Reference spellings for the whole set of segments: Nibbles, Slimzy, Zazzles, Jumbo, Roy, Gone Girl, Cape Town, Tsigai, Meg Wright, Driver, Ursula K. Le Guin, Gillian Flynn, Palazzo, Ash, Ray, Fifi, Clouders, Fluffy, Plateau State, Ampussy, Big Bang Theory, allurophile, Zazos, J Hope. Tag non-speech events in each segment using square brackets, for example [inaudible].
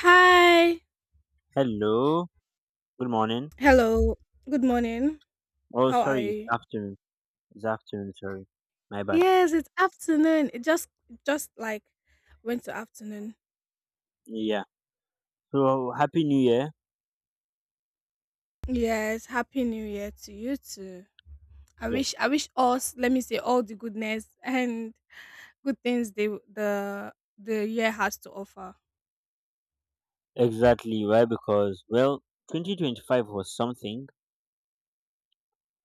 Hi. Hello. Good morning. Hello. Good morning. Oh, How are sorry. It's you? afternoon. It's afternoon. Sorry. My bad. Yes, it's afternoon. It just like went to afternoon. Yeah. So, Happy New Year. Yes, happy new year to you too. I wish Yes. I wish us, let me say all the goodness and good things the year has to offer. Exactly. Why? Because, well, 2025 was something,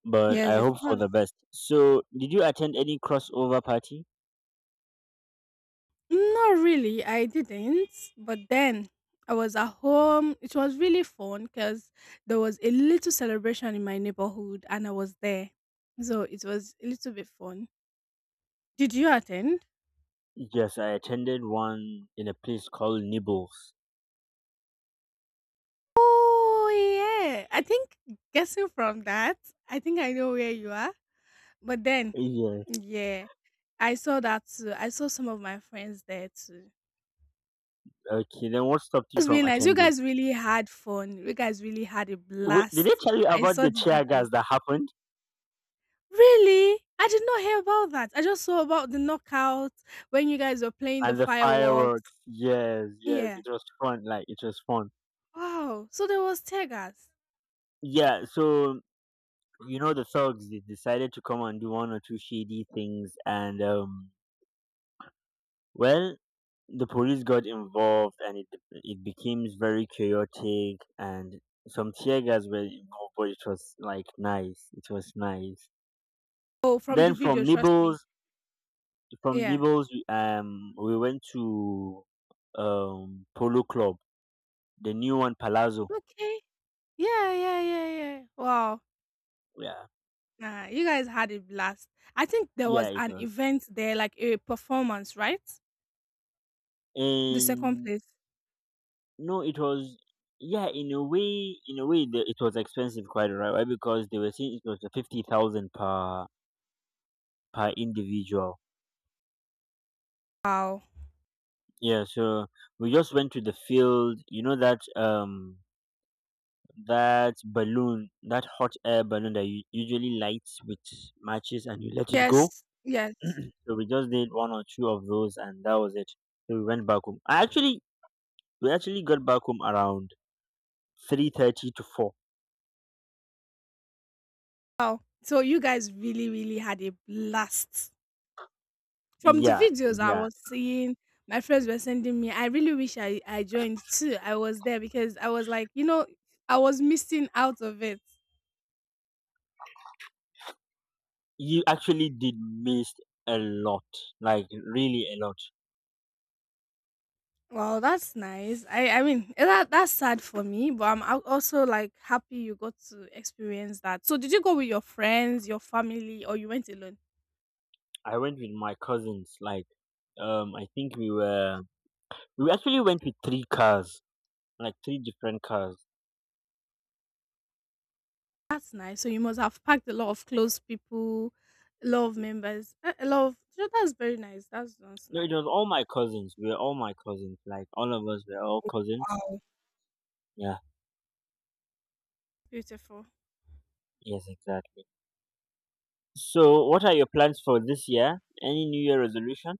but I Yes, it hope for was. the best. So, did you attend any crossover party? Not really, I didn't. But then I was at home. It was really fun because there was a little celebration in my neighborhood and I was there. So it was a little bit fun. Did you attend? Yes, I attended one in a place called Nibbles. Oh, yeah. I think, guessing from that, I think I know where you are. But then, Yes. yeah, I saw that too. I saw some of my friends there too. Okay. Then what stopped It you was from really nice. You attending? guys really had fun. You guys really had a Wait, did they blast. tell you I about saw the the tear videos. gas that happened Really? I did not hear about that. I just saw about the knockout when you guys were playing the and the fireworks? fireworks. Yes, yes. Yeah. It was fun. Like, it was fun. Wow. So there was tear. Yeah, so you know, the thugs, they decided to come and do one or two shady things, and well, the police got involved and it became very chaotic, and some tear gas were involved, but it was like nice, it was nice. Oh, from the Then video, from trust me. nibbles from Yeah. nibbles we- um we went to polo club, the new one, palazzo. Okay. Yeah, yeah, yeah, yeah. Wow. Yeah, Nah, you guys had a blast. I think there yeah. was it an was event there, like a performance, right? The second in place. No, it was, yeah, in a way, it was expensive, quite right. Why? Because they were saying it was a 50,000 per individual. Wow. Yeah, so we just went to the field. You know that that balloon, that hot air balloon that you usually lights with matches and you let it go. Yes, yes. [clears throat] So we just did one or two of those, and that was it. So we went back home. I actually we actually got back home around 3:30 to four. Wow. So you guys really, really had a blast. From the Yeah, videos I yeah. was seeing, my friends were sending me, I really wish I joined too. I was there because I was like, I was missing out of it. You actually did miss a lot, like really a lot. Well, that's nice. I mean, that's sad for me, but I'm also like happy you got to experience that. So, did you go with your friends, your family, or you went alone? I went with my cousins. Like, I think we actually went with three cars, like three different cars. That's nice. So, you must have packed a lot of close people, a lot of members, a lot of. So that's very nice. That's No, it nice. was all my cousins. We were all my cousins, like all of us were all cousins. Yeah, Beautiful. yes, exactly. So what are your plans for this year? Any New Year resolution?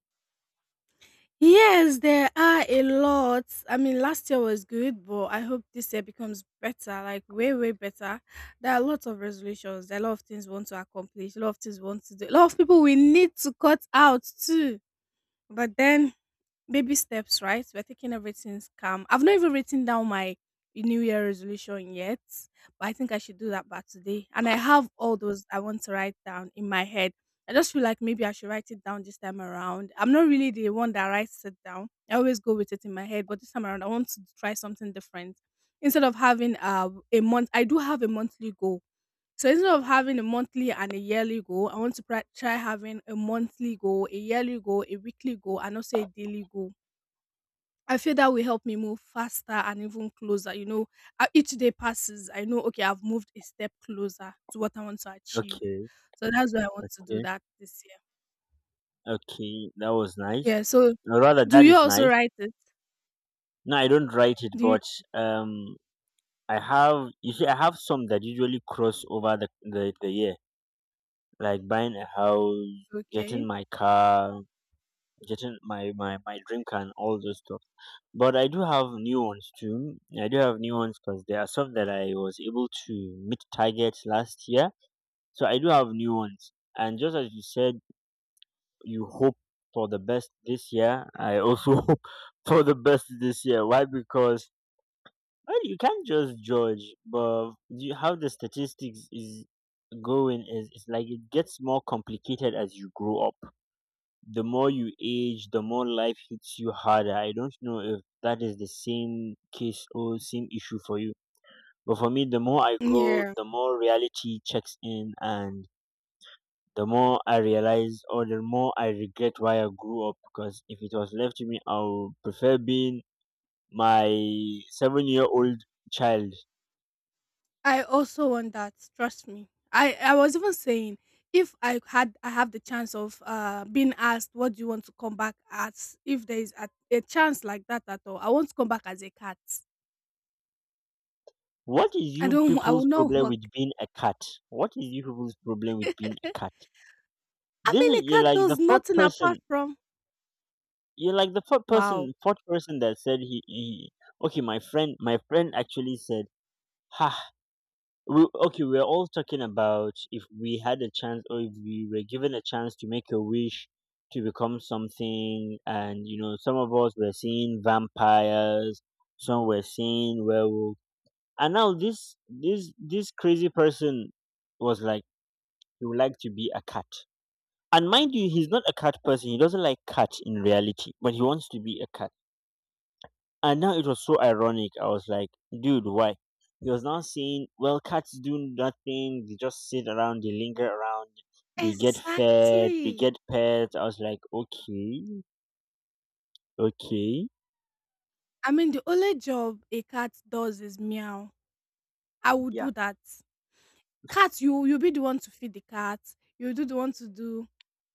Yes, there are a lot. I mean, last year was good, but I hope this year becomes better, like way, way better. There are lots of resolutions. There are a lot of things we want to accomplish, a lot of things we want to do, a lot of people we need to cut out too. But then, baby steps, right? We're taking everything calm. I've not even written down my New Year resolution yet, but I think I should do that by today. And I have all those I want to write down in my head. I just feel like maybe I should write it down this time around. I'm not really the one that writes it down. I always go with it in my head, but this time around I want to try something different. Instead of having a month, I do have a monthly goal. So instead of having a monthly and a yearly goal, I want to try having a monthly goal, a yearly goal, a weekly goal, and also a daily goal. I feel that will help me move faster and even closer. You know, each day passes, I know, okay, I've moved a step closer to what I want to achieve. Okay, So that's why I want to do okay, that this year. okay. That was nice. Yeah. So Or rather, do that you is also nice. write it? No, I don't write it, Do you? but um, I have you see, I have some that usually cross over the year. Like buying a house, Okay. getting my car, getting my drink and all those stuff. But I do have new ones too. I do have new ones because there are some that I was able to meet targets last year. So I do have new ones. And just as you said, you hope for the best this year. I also [laughs] hope for the best this year. Why? Because, well, you can't just judge, but you have the statistics is going is it's like it gets more complicated as you grow up. The more you age, the more life hits you harder. I don't know if that is the same case or same issue for you. But for me, the more I grow, Yeah. the more reality checks in, and the more I realize, or the more I regret why I grew up, because if it was left to me, I would prefer being my 7-year-old child. I also want that. Trust me. I was even saying, if I have the chance of being asked what do you want to come back as, if there is a chance like that at all, I want to come back as a cat. What is you I will people's not problem work. with being a cat? What is you people's problem with being a [laughs] cat? I This mean, is, a you're cat like the does fourth nothing apart person. from. You're like the Wow. Fourth person that said he, he. Okay, my friend actually said, "Ha, okay, we're all talking about if we had a chance, or if we were given a chance to make a wish to become something, and you know, some of us were seeing vampires, some were seeing werewolves, and now this crazy person was like, he would like to be a cat." And mind you, he's not a cat person. He doesn't like cat in reality, but he wants to be a cat. And now it was so ironic. I was like, dude, why? He was now saying, well, cats do nothing. They just sit around, they linger around, they get fed, they Exactly. get pets. I was like, okay, okay. I mean, the only job a cat does is meow. I will Yeah, do that. Cat, you'll be the one to feed the cat. You'll do the one to do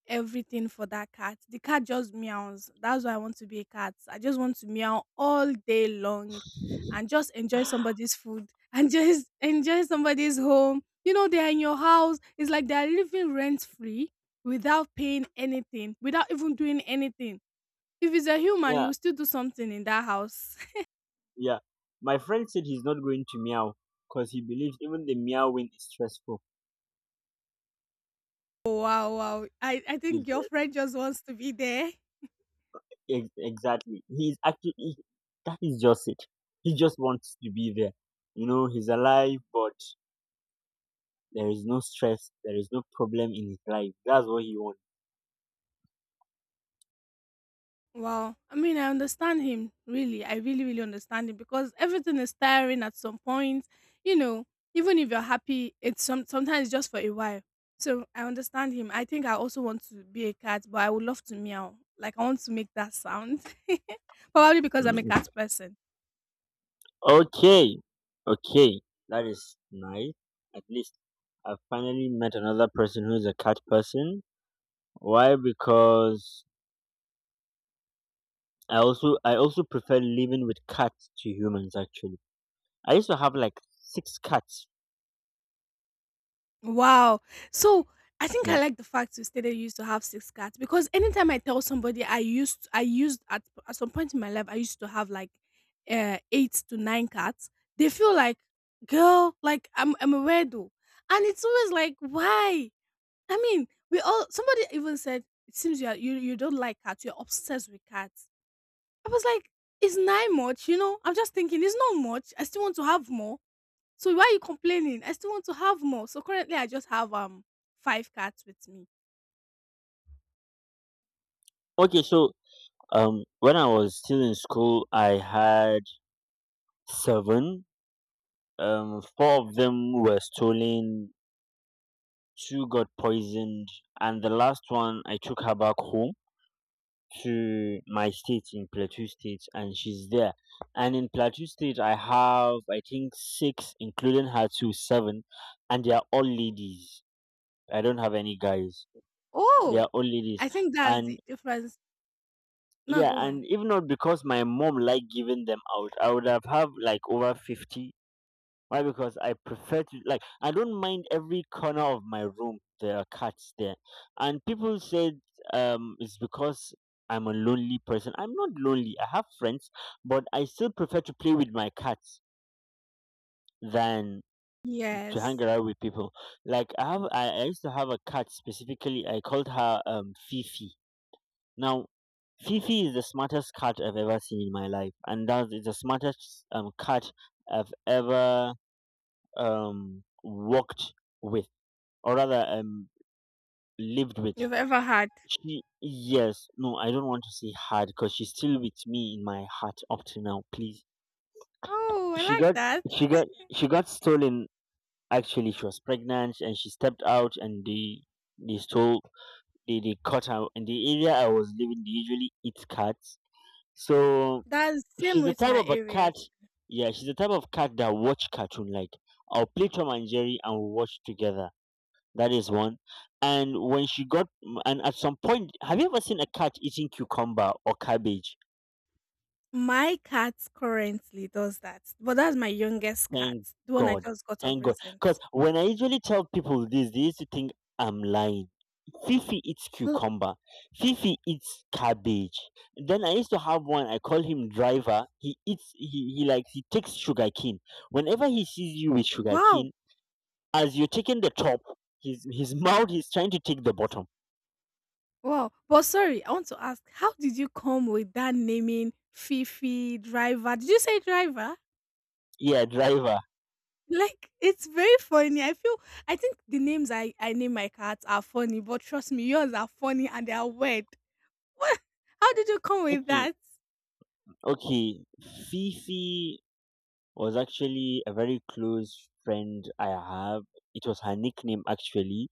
everything for that cat. The cat just meows. That's why I want to be a cat. I just want to meow all day long and just enjoy somebody's food and [laughs] just enjoy somebody's home. You know, they are in your house. It's like they are living rent free without paying anything, without even doing anything. If it's a human, you yeah, will still do something in that house. [laughs] yeah. My friend said he's not going to meow because he believes even the meowing is stressful. Oh, wow, wow. I think your Yeah. friend just wants to be there. Exactly. He's actually, that is just it. He just wants to be there. You know, he's alive, but there is no stress. There is no problem in his life. That's what he wants. Wow. I mean, I understand him, really. I really, really understand him because everything is tiring at some point. You know, even if you're happy, it's sometimes just for a while. So I understand him. I think I also want to be a cat, but I would love to meow. Like, I want to make that sound. [laughs] Probably because I'm a Mm. cat person. Okay, okay, that is nice. At least I finally met another person who is a cat person. Why? Because I also prefer living with cats to humans. Actually, I used to have like six cats. Wow. So I think I Yeah. like the fact you stated you used to have six cats, because anytime I tell somebody I used at some point in my life I used to have like eight to nine cats, they feel like, girl, like I'm a weirdo, and it's always like, why? I mean, we all somebody even said, it seems you don't like cats, you're obsessed with cats. I was like, it's not much, you know. I'm just thinking it's not much. I still want to have more, so why are you complaining? I still want to have more. So currently I just have five cats with me. Okay, so when I was still in school, I had seven. Four of them were stolen, two got poisoned, and the last one I took her back home to my state in Plateau State, and she's there. And in Plateau State, I have, I think, six, including her two, seven, and they are all ladies. I don't have any guys. They Oh, are all ladies, I think that's the and, difference. Not yeah, going. and if not because my mom liked giving them out, I would have like over 50. Why? Because I prefer to, like, I don't mind, every corner of my room there are cats there, and people said it's because I'm a lonely person. I'm not lonely. I have friends, but I still prefer to play with my cats than to hang Yes. around with people. Like, I used to have a cat specifically. I called her Fifi. Now. Fifi is the smartest cat I've ever seen in my life, and that is the smartest cat I've ever walked with, or rather lived with. You've ever had. She, yes, no, I don't want to say hard because she's still with me in my heart up to now, please. Oh, I she like got that. she got she got stolen. Actually, she was pregnant and she stepped out, and they stole they caught her in the area I was living. They usually eat cats. So, That's same she's the with type my of a cat areas. yeah, she's the type of cat that watch cartoon. Like, I'll play Tom and Jerry and we'll watch together. That is one. And when she got, and at some point, have you ever seen a cat eating cucumber or cabbage? My cat currently does that. But that's my youngest cat. Thank The one I God. just got of Thank God. recent. Because when I usually tell people this, they used to think I'm lying. Fifi eats Uh, cucumber. Fifi eats cabbage. Then I used to have one. I call him Driver. He eats. He likes. He takes sugar cane. Whenever he sees you with sugar Wow. cane, as you're taking the top, his [laughs] mouth is trying to take the bottom. Wow. But sorry, I want to ask, how did you come with that naming, Fifi, driver? Did you say driver? Yeah, Driver. Like, it's very funny. I feel, I think the names I name my cats are funny, but trust me, yours are funny and they are weird. What? How did you come with Okay. that? Okay, Fifi was actually a very close friend I have. It was her nickname actually,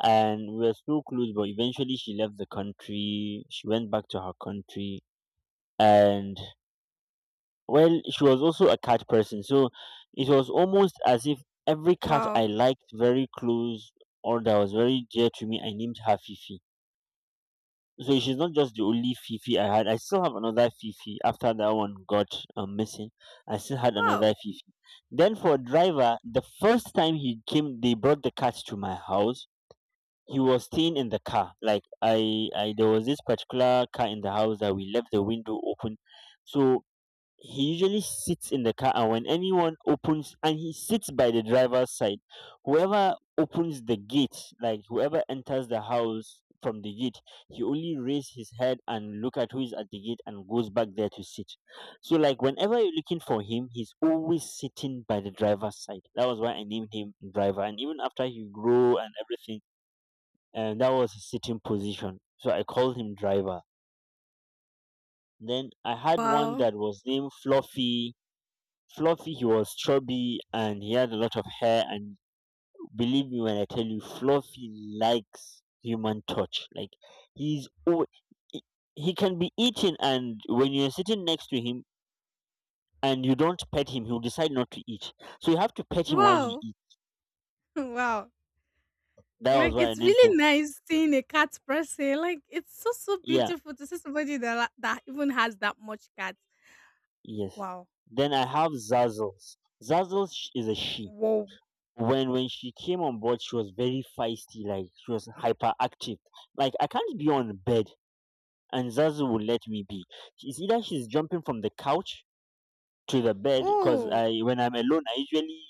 and we were so close. But eventually, she left the country. She went back to her country, and, well, she was also a cat person. So it was almost as if every cat Wow. I liked very close or that was very dear to me, I named her Fifi. So she's not just the only Fifi I had. I still have another Fifi after that one got missing. I still had another Wow. Fifi. Then for Driver, the first time he came, they brought the cat to my house. He was staying in the car. Like, there was this particular car in the house that we left the window open. So he usually sits in the car, and when anyone opens and he sits by the driver's side, whoever opens the gate, like whoever enters the house from the gate, he only raise his head and look at who is at the gate and goes back there to sit. So, like, whenever you're looking for him, he's always sitting by the driver's side. That was why I named him Driver. And even after he grew and everything, and that was his sitting position, so I called him Driver. Then I had one Wow. that was named Fluffy. Fluffy, he was chubby and he had a lot of hair. And believe me when I tell you, Fluffy likes human touch. Like, he's al- he he can be eating, and when you're sitting next to him and you don't pet him, he'll decide not to eat. So you have to pet him while he Wow. [laughs] eats. Wow. That was Like, why I it's named him. really nice seeing a cat person. Like, it's so so Yeah, beautiful to see somebody that even has that much cats. yes. Wow. Then I have Zazzles. Zazzles is a she. Whoa. When she came on board, she was very feisty. Like, she was hyperactive. Like, I can't be on bed and Zazu will let me be. She's either she's jumping from the couch to the bed, because Oh. I when I'm alone I usually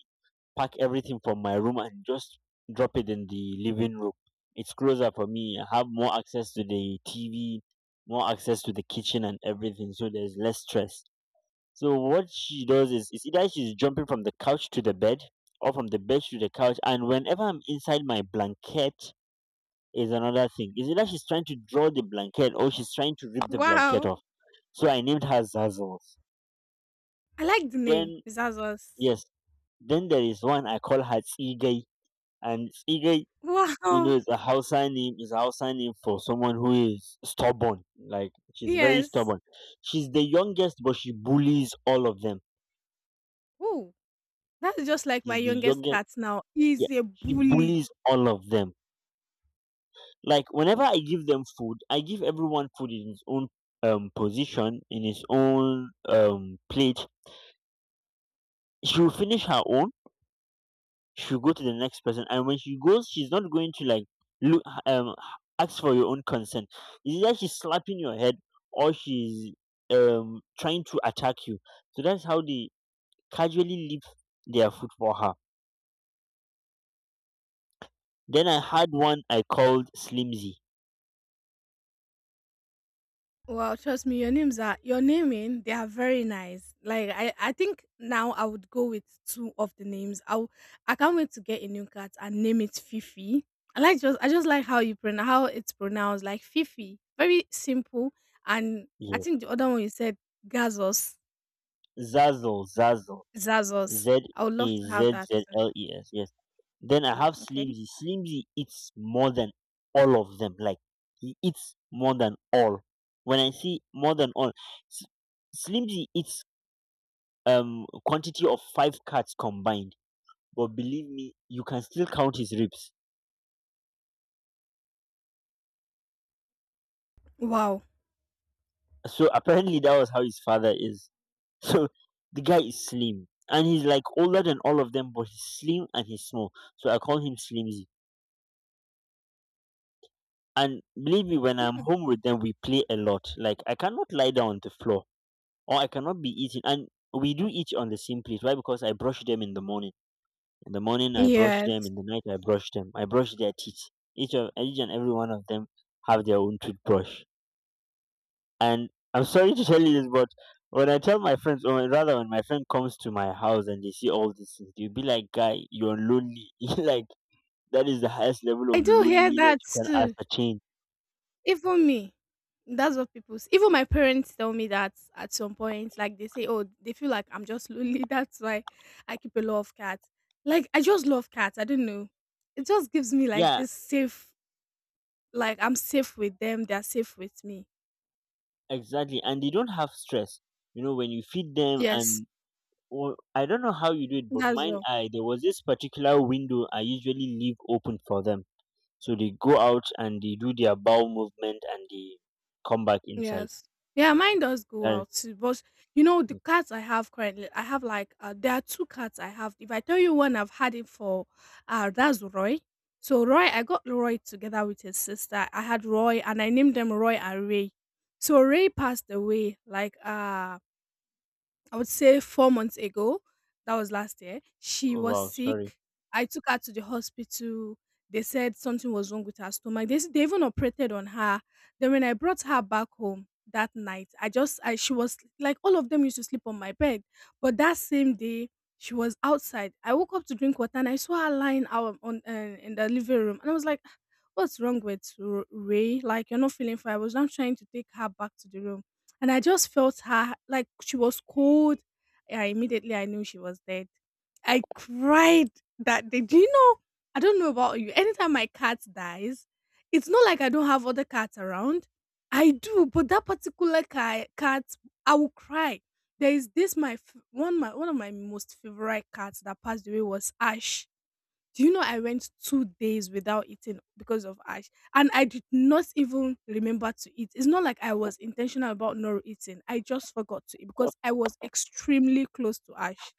pack everything from my room and just drop it in the living room. It's closer for me. I have more access to the TV, more access to the kitchen and everything, so there's less stress. So what she does is either she's jumping from the couch to the bed or from the bed to the couch. And whenever I'm inside my blanket is another thing. Is either she's trying to draw the blanket or she's trying to rip the blanket Wow. off. So I named her Zazzles. I like the name. Then It's us. yes, then there is one I call her Tsigai, and Tsigai, you Wow. know, [laughs] is a Hausa name. Is a Hausa name for someone who is stubborn. Like she's very Yes. stubborn. She's the youngest, but she bullies all of them. Oh. That's just like my She's the youngest youngest. cat now. He's Yeah, a she bully. bullies all of them. Like whenever I give them food, I give everyone food in its own position, in its own plate. She will finish her own, she'll go to the next person, and when she goes, she's not going to, like, look, ask for your own consent. It's either she's slapping your head, or she's trying to attack you. So that's how they casually leave their food for her. Then I had one I called Slimzy. Well, trust me, your names, are your naming, they are very nice. Like, I think now I would go with two of the names. I can't wait to get a new cat and name it Fifi. I just like how you pronounce, how it's pronounced, like Fifi. Very simple. And I Yes. think the other one you said, Gazos. Zazzle, zazzle, z Zazos. I would love a to have z that z too. l e s Yes. Then I have Okay. Slimzy. Slimzy eats more than all of them. Like he eats more than all. When I see more than all, S- Slimzy eats quantity of five cats combined. But believe me, you can still count his ribs. Wow. So [laughs] apparently that was how his father is. [laughs] So the guy is slim and he's like older than all of them, but he's slim and he's small. So I call him Slimzy. And believe me, when I'm Hmm. home with them, we play a lot. Like I cannot lie down on the floor, or I cannot be eating. And we do eat on the same plate. Why? Because I brush them in the morning. In the morning, I brush them. Yes. In the night, I brush them. I brush their teeth. Each and every one of them have their own toothbrush. And I'm sorry to tell you this, but when I tell my friends, or rather, when my friend comes to my house and they see all these things, they'll be like, "Guy, you're lonely." [laughs] Like, that is the highest level I of do hear loneliness that you can too. ascertain. Even me, that's what people s even my parents tell me that at some point, like they say, "Oh, they feel like I'm just lonely, [laughs] that's why I keep a lot of cats." Like, I just love cats, I don't know. It just gives me like Yeah, this safe, like I'm safe with them, they're safe with me. exactly. And they don't have stress. You know, when you feed them, Yes. and... Well, I don't know how you do it, but That's mine, all. I there was this particular window I usually leave open for them, so they go out and they do their bowel movement and they come back inside. Yes. Yeah, mine does go That is- out too. But, you know, the cats I have currently, I have like there are two cats I have. If I tell you one I've had it for, that's Roy. So Roy, I got Roy together with his sister. I had Roy, and I named them Roy and Ray. So Ray passed away like I would say 4 months ago, that was last year, she oh, was wow, sorry. sick. I took her to the hospital. They said something was wrong with her stomach. They, they even operated on her. Then when I brought her back home that night, I just I she was like all of them used to sleep on my bed. But that same day, she was outside. I woke up to drink water and I saw her lying out on in the living room. And I was like, what's wrong with Ray? Like, you're not feeling fine. I was now trying to take her back to the room. And I just felt her, like, she was cold. Yeah, immediately I knew she was dead. I cried that day. Do you know? I don't know about you. Anytime my cat dies, it's not like I don't have other cats around. I do, but that particular cat, I will cry. There is this my f- one my one of my most favorite cats that passed away, was Ash. Do you know, I went 2 days without eating because of Ash, and I did not even remember to eat. It's not like I was intentional about not eating. I just forgot to eat because I was extremely close to Ash.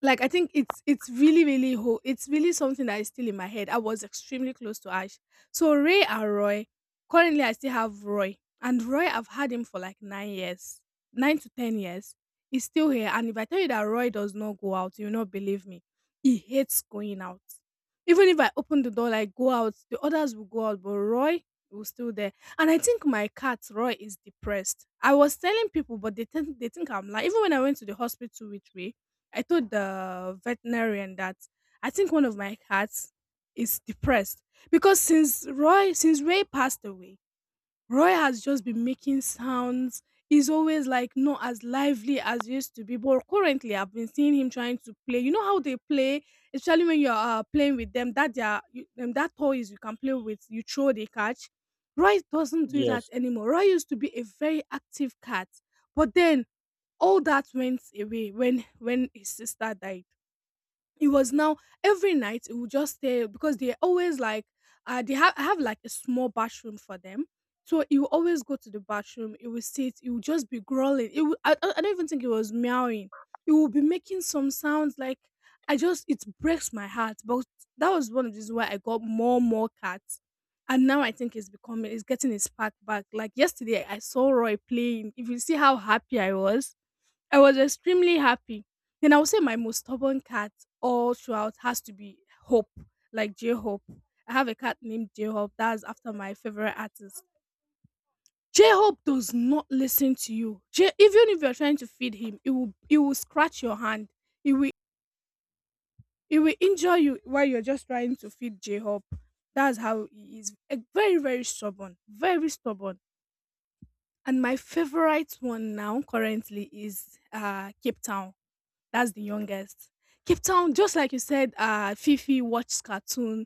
Like, I think it's really really ho- it's really something that is still in my head. I was extremely close to Ash. So Ray and Roy. Currently, I still have Roy, and Roy I've had him for like 9 years, 9 to 10 years. He's still here, and if I tell you that Roy does not go out, you will not believe me. He hates going out. Even if I open the door, like go out, the others will go out, but Roy was still there. And I think my cat Roy is depressed. I was telling people, but they think I'm lying. Even when I went to the hospital with Ray, I told the veterinarian that I think one of my cats is depressed because since Ray passed away, Roy has just been making sounds. He's always like not as lively as he used to be. But currently, I've been seeing him trying to play. You know how they play, especially when you're playing with them. That they are you, that toys you can play with. You throw, they catch. Roy doesn't do that Yes. anymore. Roy used to be a very active cat, but then all that went away when his sister died. It was now every night it would just stay because they are always like they have, I have like a small bathroom for them, so he would always go to the bathroom. He would sit, he would just be growling. It would, I don't even think it was meowing. It would be making some sounds like, I just it breaks my heart. But that was one of the reasons why I got more and more cats. And now I think it's getting its spark back. Like yesterday, I saw Roy playing. If you see how happy I was extremely happy. Then I would say my most stubborn cat all throughout has to be Hope, like J Hope. I have a cat named J Hope. That's after my favorite artist. J Hope does not listen to you. Even if you're trying to feed him, it will scratch your hand. It will, it will injure you while you're just trying to feed J Hope. That's how he is. Eh, very very stubborn. Very stubborn. And my favorite one now currently is Cape Town. That's the youngest. Cape Town, just like you said, Fifi watches cartoon.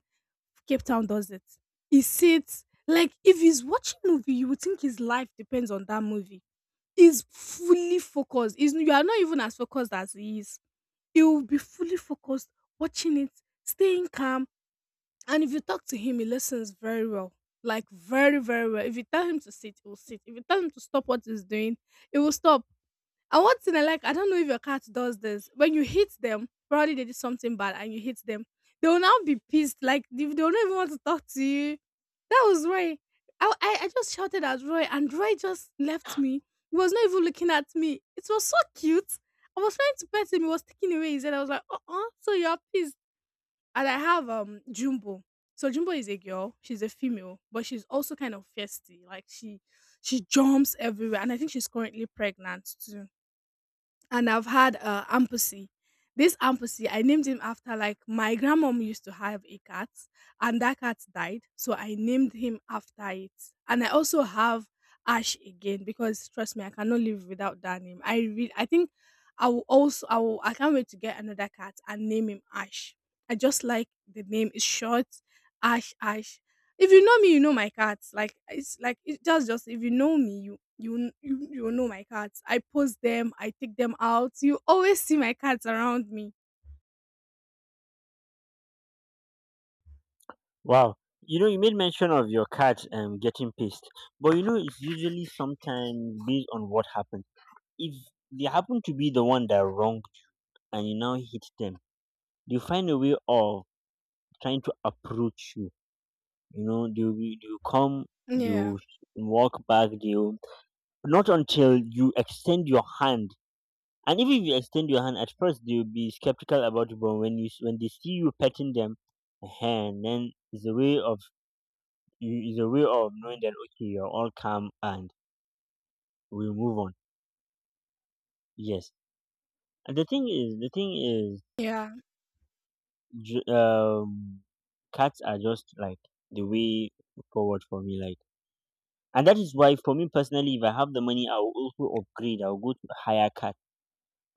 Cape Town does it. He sits like if he's watching movie, you would think his life depends on that movie. He's fully focused. You are not even as focused as he is. He will be fully focused watching it, staying calm. And if you talk to him, he listens very well. Like very, very well. If you tell him to sit, he will sit. If you tell him to stop what he's doing, he will stop. And one thing I like, I don't know if your cat does this. When you hit them, probably they did something bad and you hit them, they will now be pissed. Like they will not even want to talk to you. That was Roy. I just shouted at Roy, and Roy just left me. He was not even looking at me. It was so cute. I was trying to pet him. He was taking away his head. I was like, uh, so you're pissed. And I have Jumbo. So Jumbo is a girl. She's a female, but she's also kind of feisty. She jumps everywhere, and I think she's currently pregnant too. And I've had Ampussy. This Ampussy, I named him after, like, my grandmom used to have a cat, and that cat died, so I named him after it. And I also have Ash again because trust me, I cannot live without that name. I think I will also, I will, I can't wait to get another cat and name him Ash. I just like the name. It's short, Ash Ash. If you know me, you know my cats. Like it's like it just If you know me, you know my cats. I post them, I take them out. You always see my cats around me. Wow. You know, you made mention of your cat getting pissed, but, it's usually sometimes based on what happened. If they happen to be the one that wronged you and you now hit them, they find a way of trying to approach you. You know, they'll come, they'll Yeah. walk back, they'll not until you extend your hand. And even if you extend your hand, at first they'll be skeptical about it, but when they see you petting them, and then, it's a way of you, is a way of knowing that, okay, you're all calm and we move on. Yes. And the thing is, Yeah. ju- um, cats are just like the way forward for me. Like, and that is why, for me personally, if I have the money, I will also upgrade. I will go to a higher card.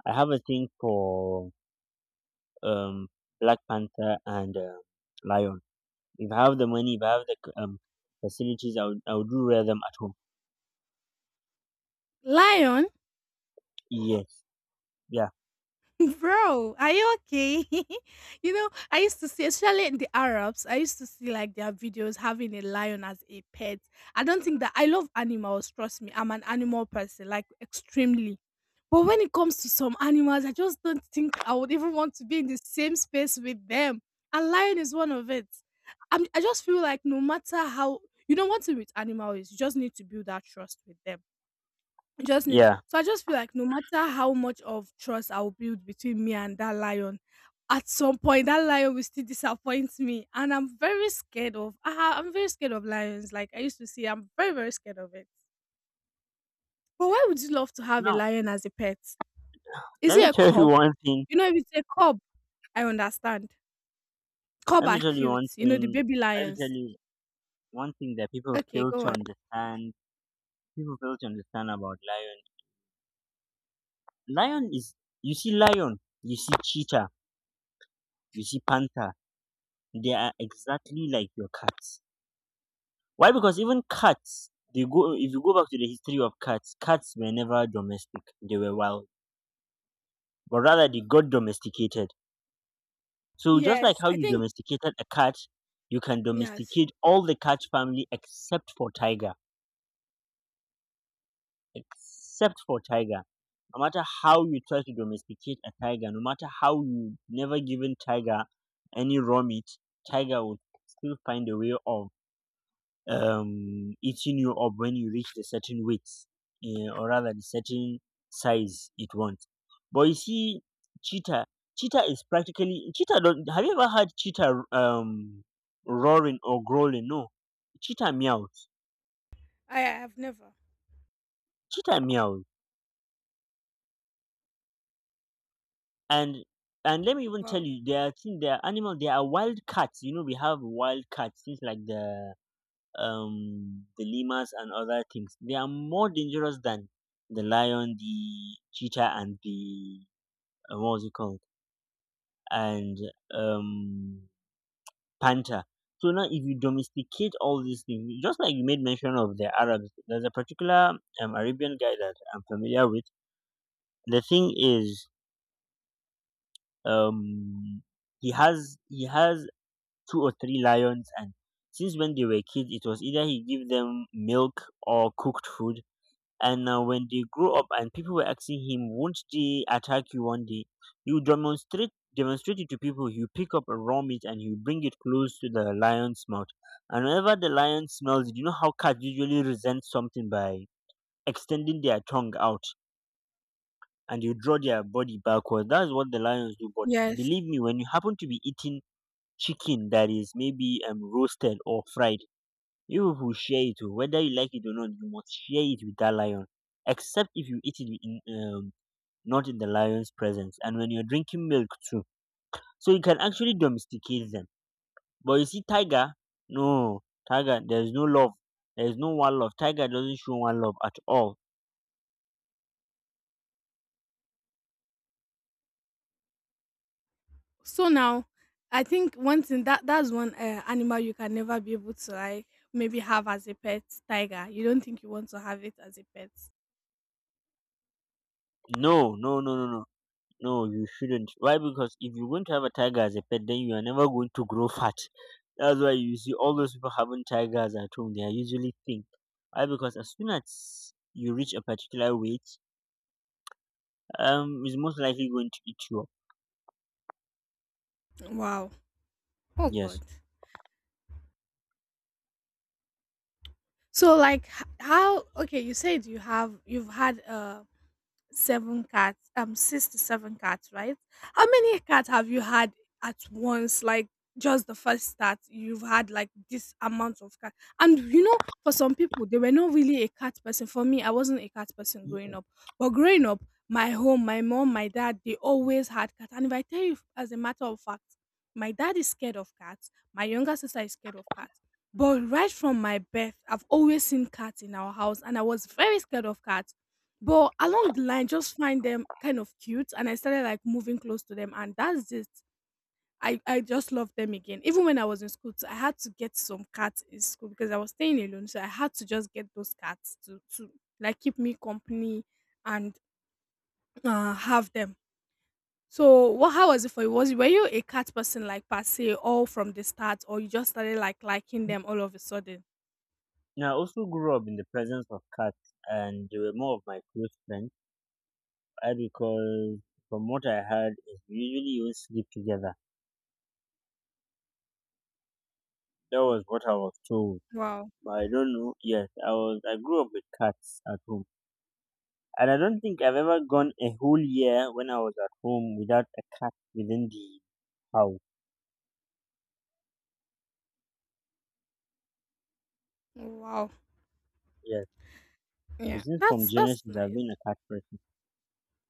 I have a thing for um black panther and lion. If I have the money, if I have the facilities, I would do rare them at home. Lion. Yes. Yeah, [laughs] Bro, are you okay? [laughs] You know, I used to see, especially in the Arabs, I used to see like their videos having a lion as a pet. I don't think that, I love animals, trust me. I'm an animal person, like extremely. But when it comes to some animals, I just don't think I would even want to be in the same space with them. And lion is one of it. I just feel like no matter how, you know, one thing with animals is you just need to build that trust with them. Yeah. I just feel like no matter how much of trust I'll build between me and that lion, at some point that lion will still disappoint me. And I'm very scared of, I'm very scared of lions. Like I used to see, I'm very, very scared of it. But why would you love to have a Now, lion as a pet? Is let it me a tell you cub? one thing You know, if it's a cub, I understand. Cub let me are tell you cute, one you know, thing the baby let me tell lions. you one thing that people Okay, fail go to on. understand people fail to understand about lion. Lion is you see lion, you see cheetah, you see panther. They are exactly like your cats. Why? Because even cats, they go. If you go back to the history of cats, cats were never domestic. They were wild, but rather they got domesticated. So just like Yes. how I you think domesticated a cat, you can yes. domesticate all the cat family except for tiger. Except for tiger. No matter how you try to domesticate a tiger, no matter how you never given tiger any raw meat, tiger would still find a way of eating you up when you reach the certain weight, or rather the certain size it wants. But you see, cheetah, cheetah is practically cheetah. Don't have you ever heard cheetah roaring or growling? No, cheetah meows. I have never. Cheetah meows, and and let me even tell Wow. you, there are things, there are animals, there are wild cats. You know, we have wild cats, things like the lemurs and other things. They are more dangerous than the lion, the cheetah, and the what was it called, and um, panther. So now, if you domesticate all these things, just like you made mention of the Arabs, there's a particular Arabian guy that I'm familiar with. The thing is, um, he has two or three lions, and since when they were kids, it was either he give them milk or cooked food. And when they grow up and people were asking him, won't they attack you one day? You demonstrate it to people. You pick up a raw meat and you bring it close to the lion's mouth, and whenever the lion smells it, you know how cats usually resent something by extending their tongue out, and you draw their body backwards. That's what the lions do. But Yes. believe me, when you happen to be eating chicken that is maybe roasted or fried, you people share it o, whether you like it or not, you must share it with that lion. Except if you eat it in, not in the lion's presence, and when you're drinking milk too. So you can actually domesticate them. But you see, tiger, no, tiger, there's no love. There's no one love. Tiger doesn't show one love at all. So now, I think one thing that that's one animal you can never be able to, like, maybe have as a pet, tiger. You don't think you want to have it as a pet. No, no, no, no, no. No, you shouldn't. Why? Because if you won't have a tiger as a pet, then you are never going to grow fat. That's why you see all those people having tigers at home. They are usually thin. Why? Because as soon as you reach a particular weight, it's most likely going to eat you up. Wow. Oh God. Yes. So like how, okay, you said you have you've had a. 7 cats, 6 to 7 cats, right? How many cats have you had at once? Like, just the first start, you've had like this amount of cats. And you know, for some people, they were not really a cat person. For me, I wasn't a cat person growing up. But growing up, my home, my mom, my dad, they always had cats. And if I tell you, as a matter of fact, my dad is scared of cats. My younger sister is scared of cats. But right from my birth, I've always seen cats in our house, and I was very scared of cats. But along the line, just find them kind of cute, and I started like moving close to them, and that's it. I just love them again. Even when I was in school too, I had to get some cats in school because I was staying alone. So I had to just get those cats to like keep me company and have them. So what? How was it for you? Was Were you a cat person, like, per se, all from the start, or you just started like liking them all of a sudden? Now, I also grew up in the presence of cats, and they were more of my close friends. Why? Because from what I heard, is we usually even sleep together. That was what I was told. Wow, But I don't know. Yes, I was. I grew up with cats at home. And I don't think I've ever gone a whole year when I was at home without a cat within the house. wow, Yes. yeah, Since from that's Genesis, I've been nice. a cat person.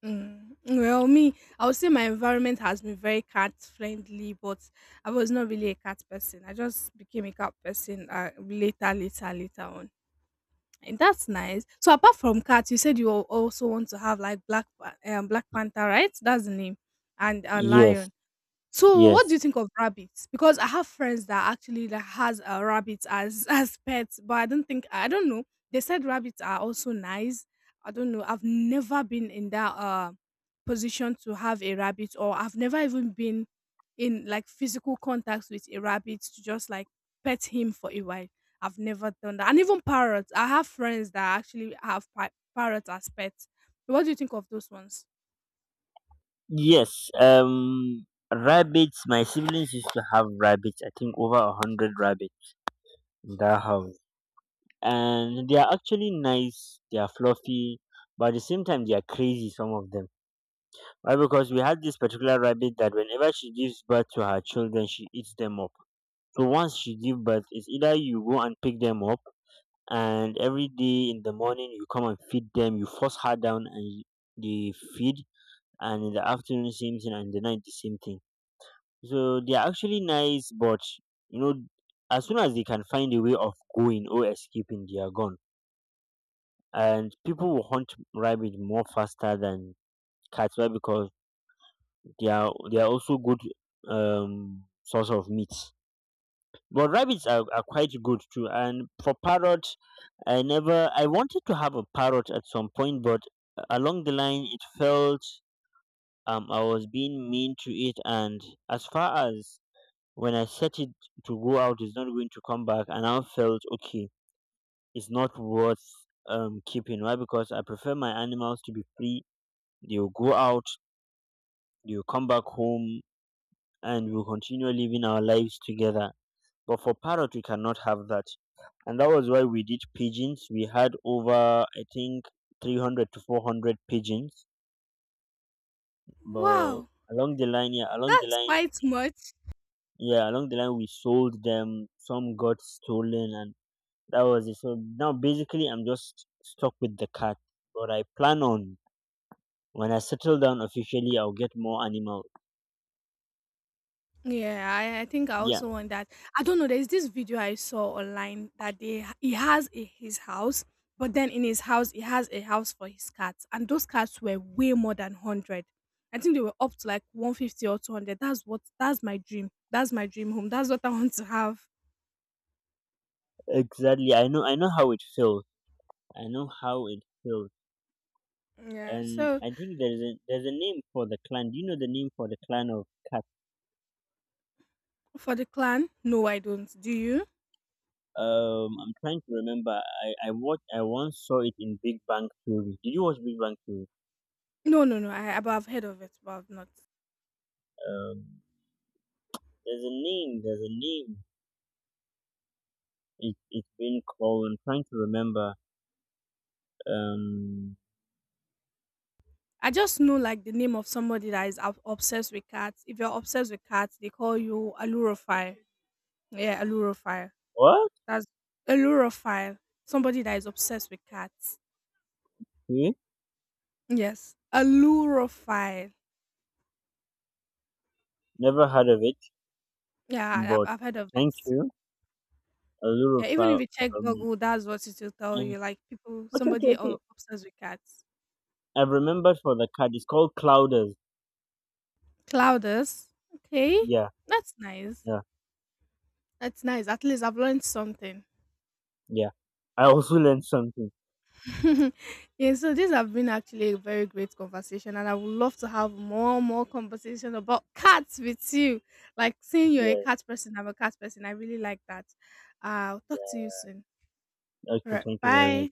Mm, well, me, I would say my environment has been very cat friendly, but I was not really a cat person. I just became a cat person later, later, later on, and that's nice. So apart from cats, you said you also want to have, like, black, black panther, right? That's the name, and a Yes, lion. So, what do yes, you think of rabbits? Because I have friends that actually that has rabbits as [laughs] as pets, but I don't think, I don't know. They said rabbits are also nice. I don't know. I've never been in that position to have a rabbit, or I've never even been in like physical contact with a rabbit to just like pet him for a while. I've never done that. And even parrots. I have friends that actually have parrots as pets. What do you think of those ones? yes. Rabbits. My siblings used to have rabbits. I think over 100 rabbits in their house, and they are actually nice. They are fluffy, but at the same time, they are crazy. Some of them. Why? Because we had this particular rabbit that whenever she gives birth to her children, she eats them up. So once she give birth, it's either you go and pick them up, and every day in the morning you come and feed them. You force her down, and they feed, and in the afternoon same thing, and in the night the same thing. So they are actually nice, but, you know, as soon as they can find a way of going or escaping, they are gone. And people will hunt rabbit more faster than cats. Why? Because they are also good source of meat. But rabbits are quite good too. And for parrot, I never, I wanted to have a parrot at some point, but along the line, it felt I was being mean to it. And as far as when I set it to go out, it's not going to come back. And I felt, okay, it's not worth keeping. Why? Because I prefer my animals to be free. They will go out, they will come back home, and we'll continue living our lives together. But for parrot, we cannot have that. And that was why we did pigeons. We had over, I think, 300 to 400 pigeons, but Wow, along the line, yeah, along the that's line, quite much. yeah, along the line, we sold them. Some got stolen, and that was it. So now, basically, I'm just stuck with the cat. But I plan on when I settle down officially, I'll get more animals. Yeah, I think I Yeah, also want that. I don't know. There's this video I saw online that they he has a, his house, but then in his house he has a house for his cats, and those cats were way more than hundred. I think they were up to like 150 or 200. That's what, that's my dream. That's my dream home. That's what I [laughs] want to have. exactly. I know. I know how it feels. I know how it feels. Yeah. And So I think there's a name for the clan. Do you know the name for the clan of cats? for the clan, no, I don't. Do you? I'm trying to remember. I watched. I once saw it in Big Bang Theory. Did you watch Big Bang Theory? No, no, no. I, but I've heard of it, but I've not. Um, there's a name. There's a name. It's been called. I'm trying to remember. Um, I just know like the name of somebody that is obsessed with cats. If you're obsessed with cats, they call you allurophile. Yeah, allurophile. what? That's allurophile. Somebody that is obsessed with cats. Okay. Yes, allurophile. Never heard of it, Yeah, but I've heard of thank it. you. A little Yeah, even if pal. you check Um, Google, that's what it will tell eh. you. Like people, Okay, okay, somebody okay. Obsessed with cats. I've remembered for the card. It's called Clouders. Clouders. Okay, Yeah, that's nice. yeah, That's nice. At least I've learned something. yeah. I also [laughs] learned something. [laughs] Yeah, so these have been actually a very great conversation, and I would love to have more conversation about [laughs] cats with you. Like seeing you're a Yeah, cat person, I'm a cat person. I really like that. I'll talk to you yeah. soon. All Okay, right, thank you very bye. much.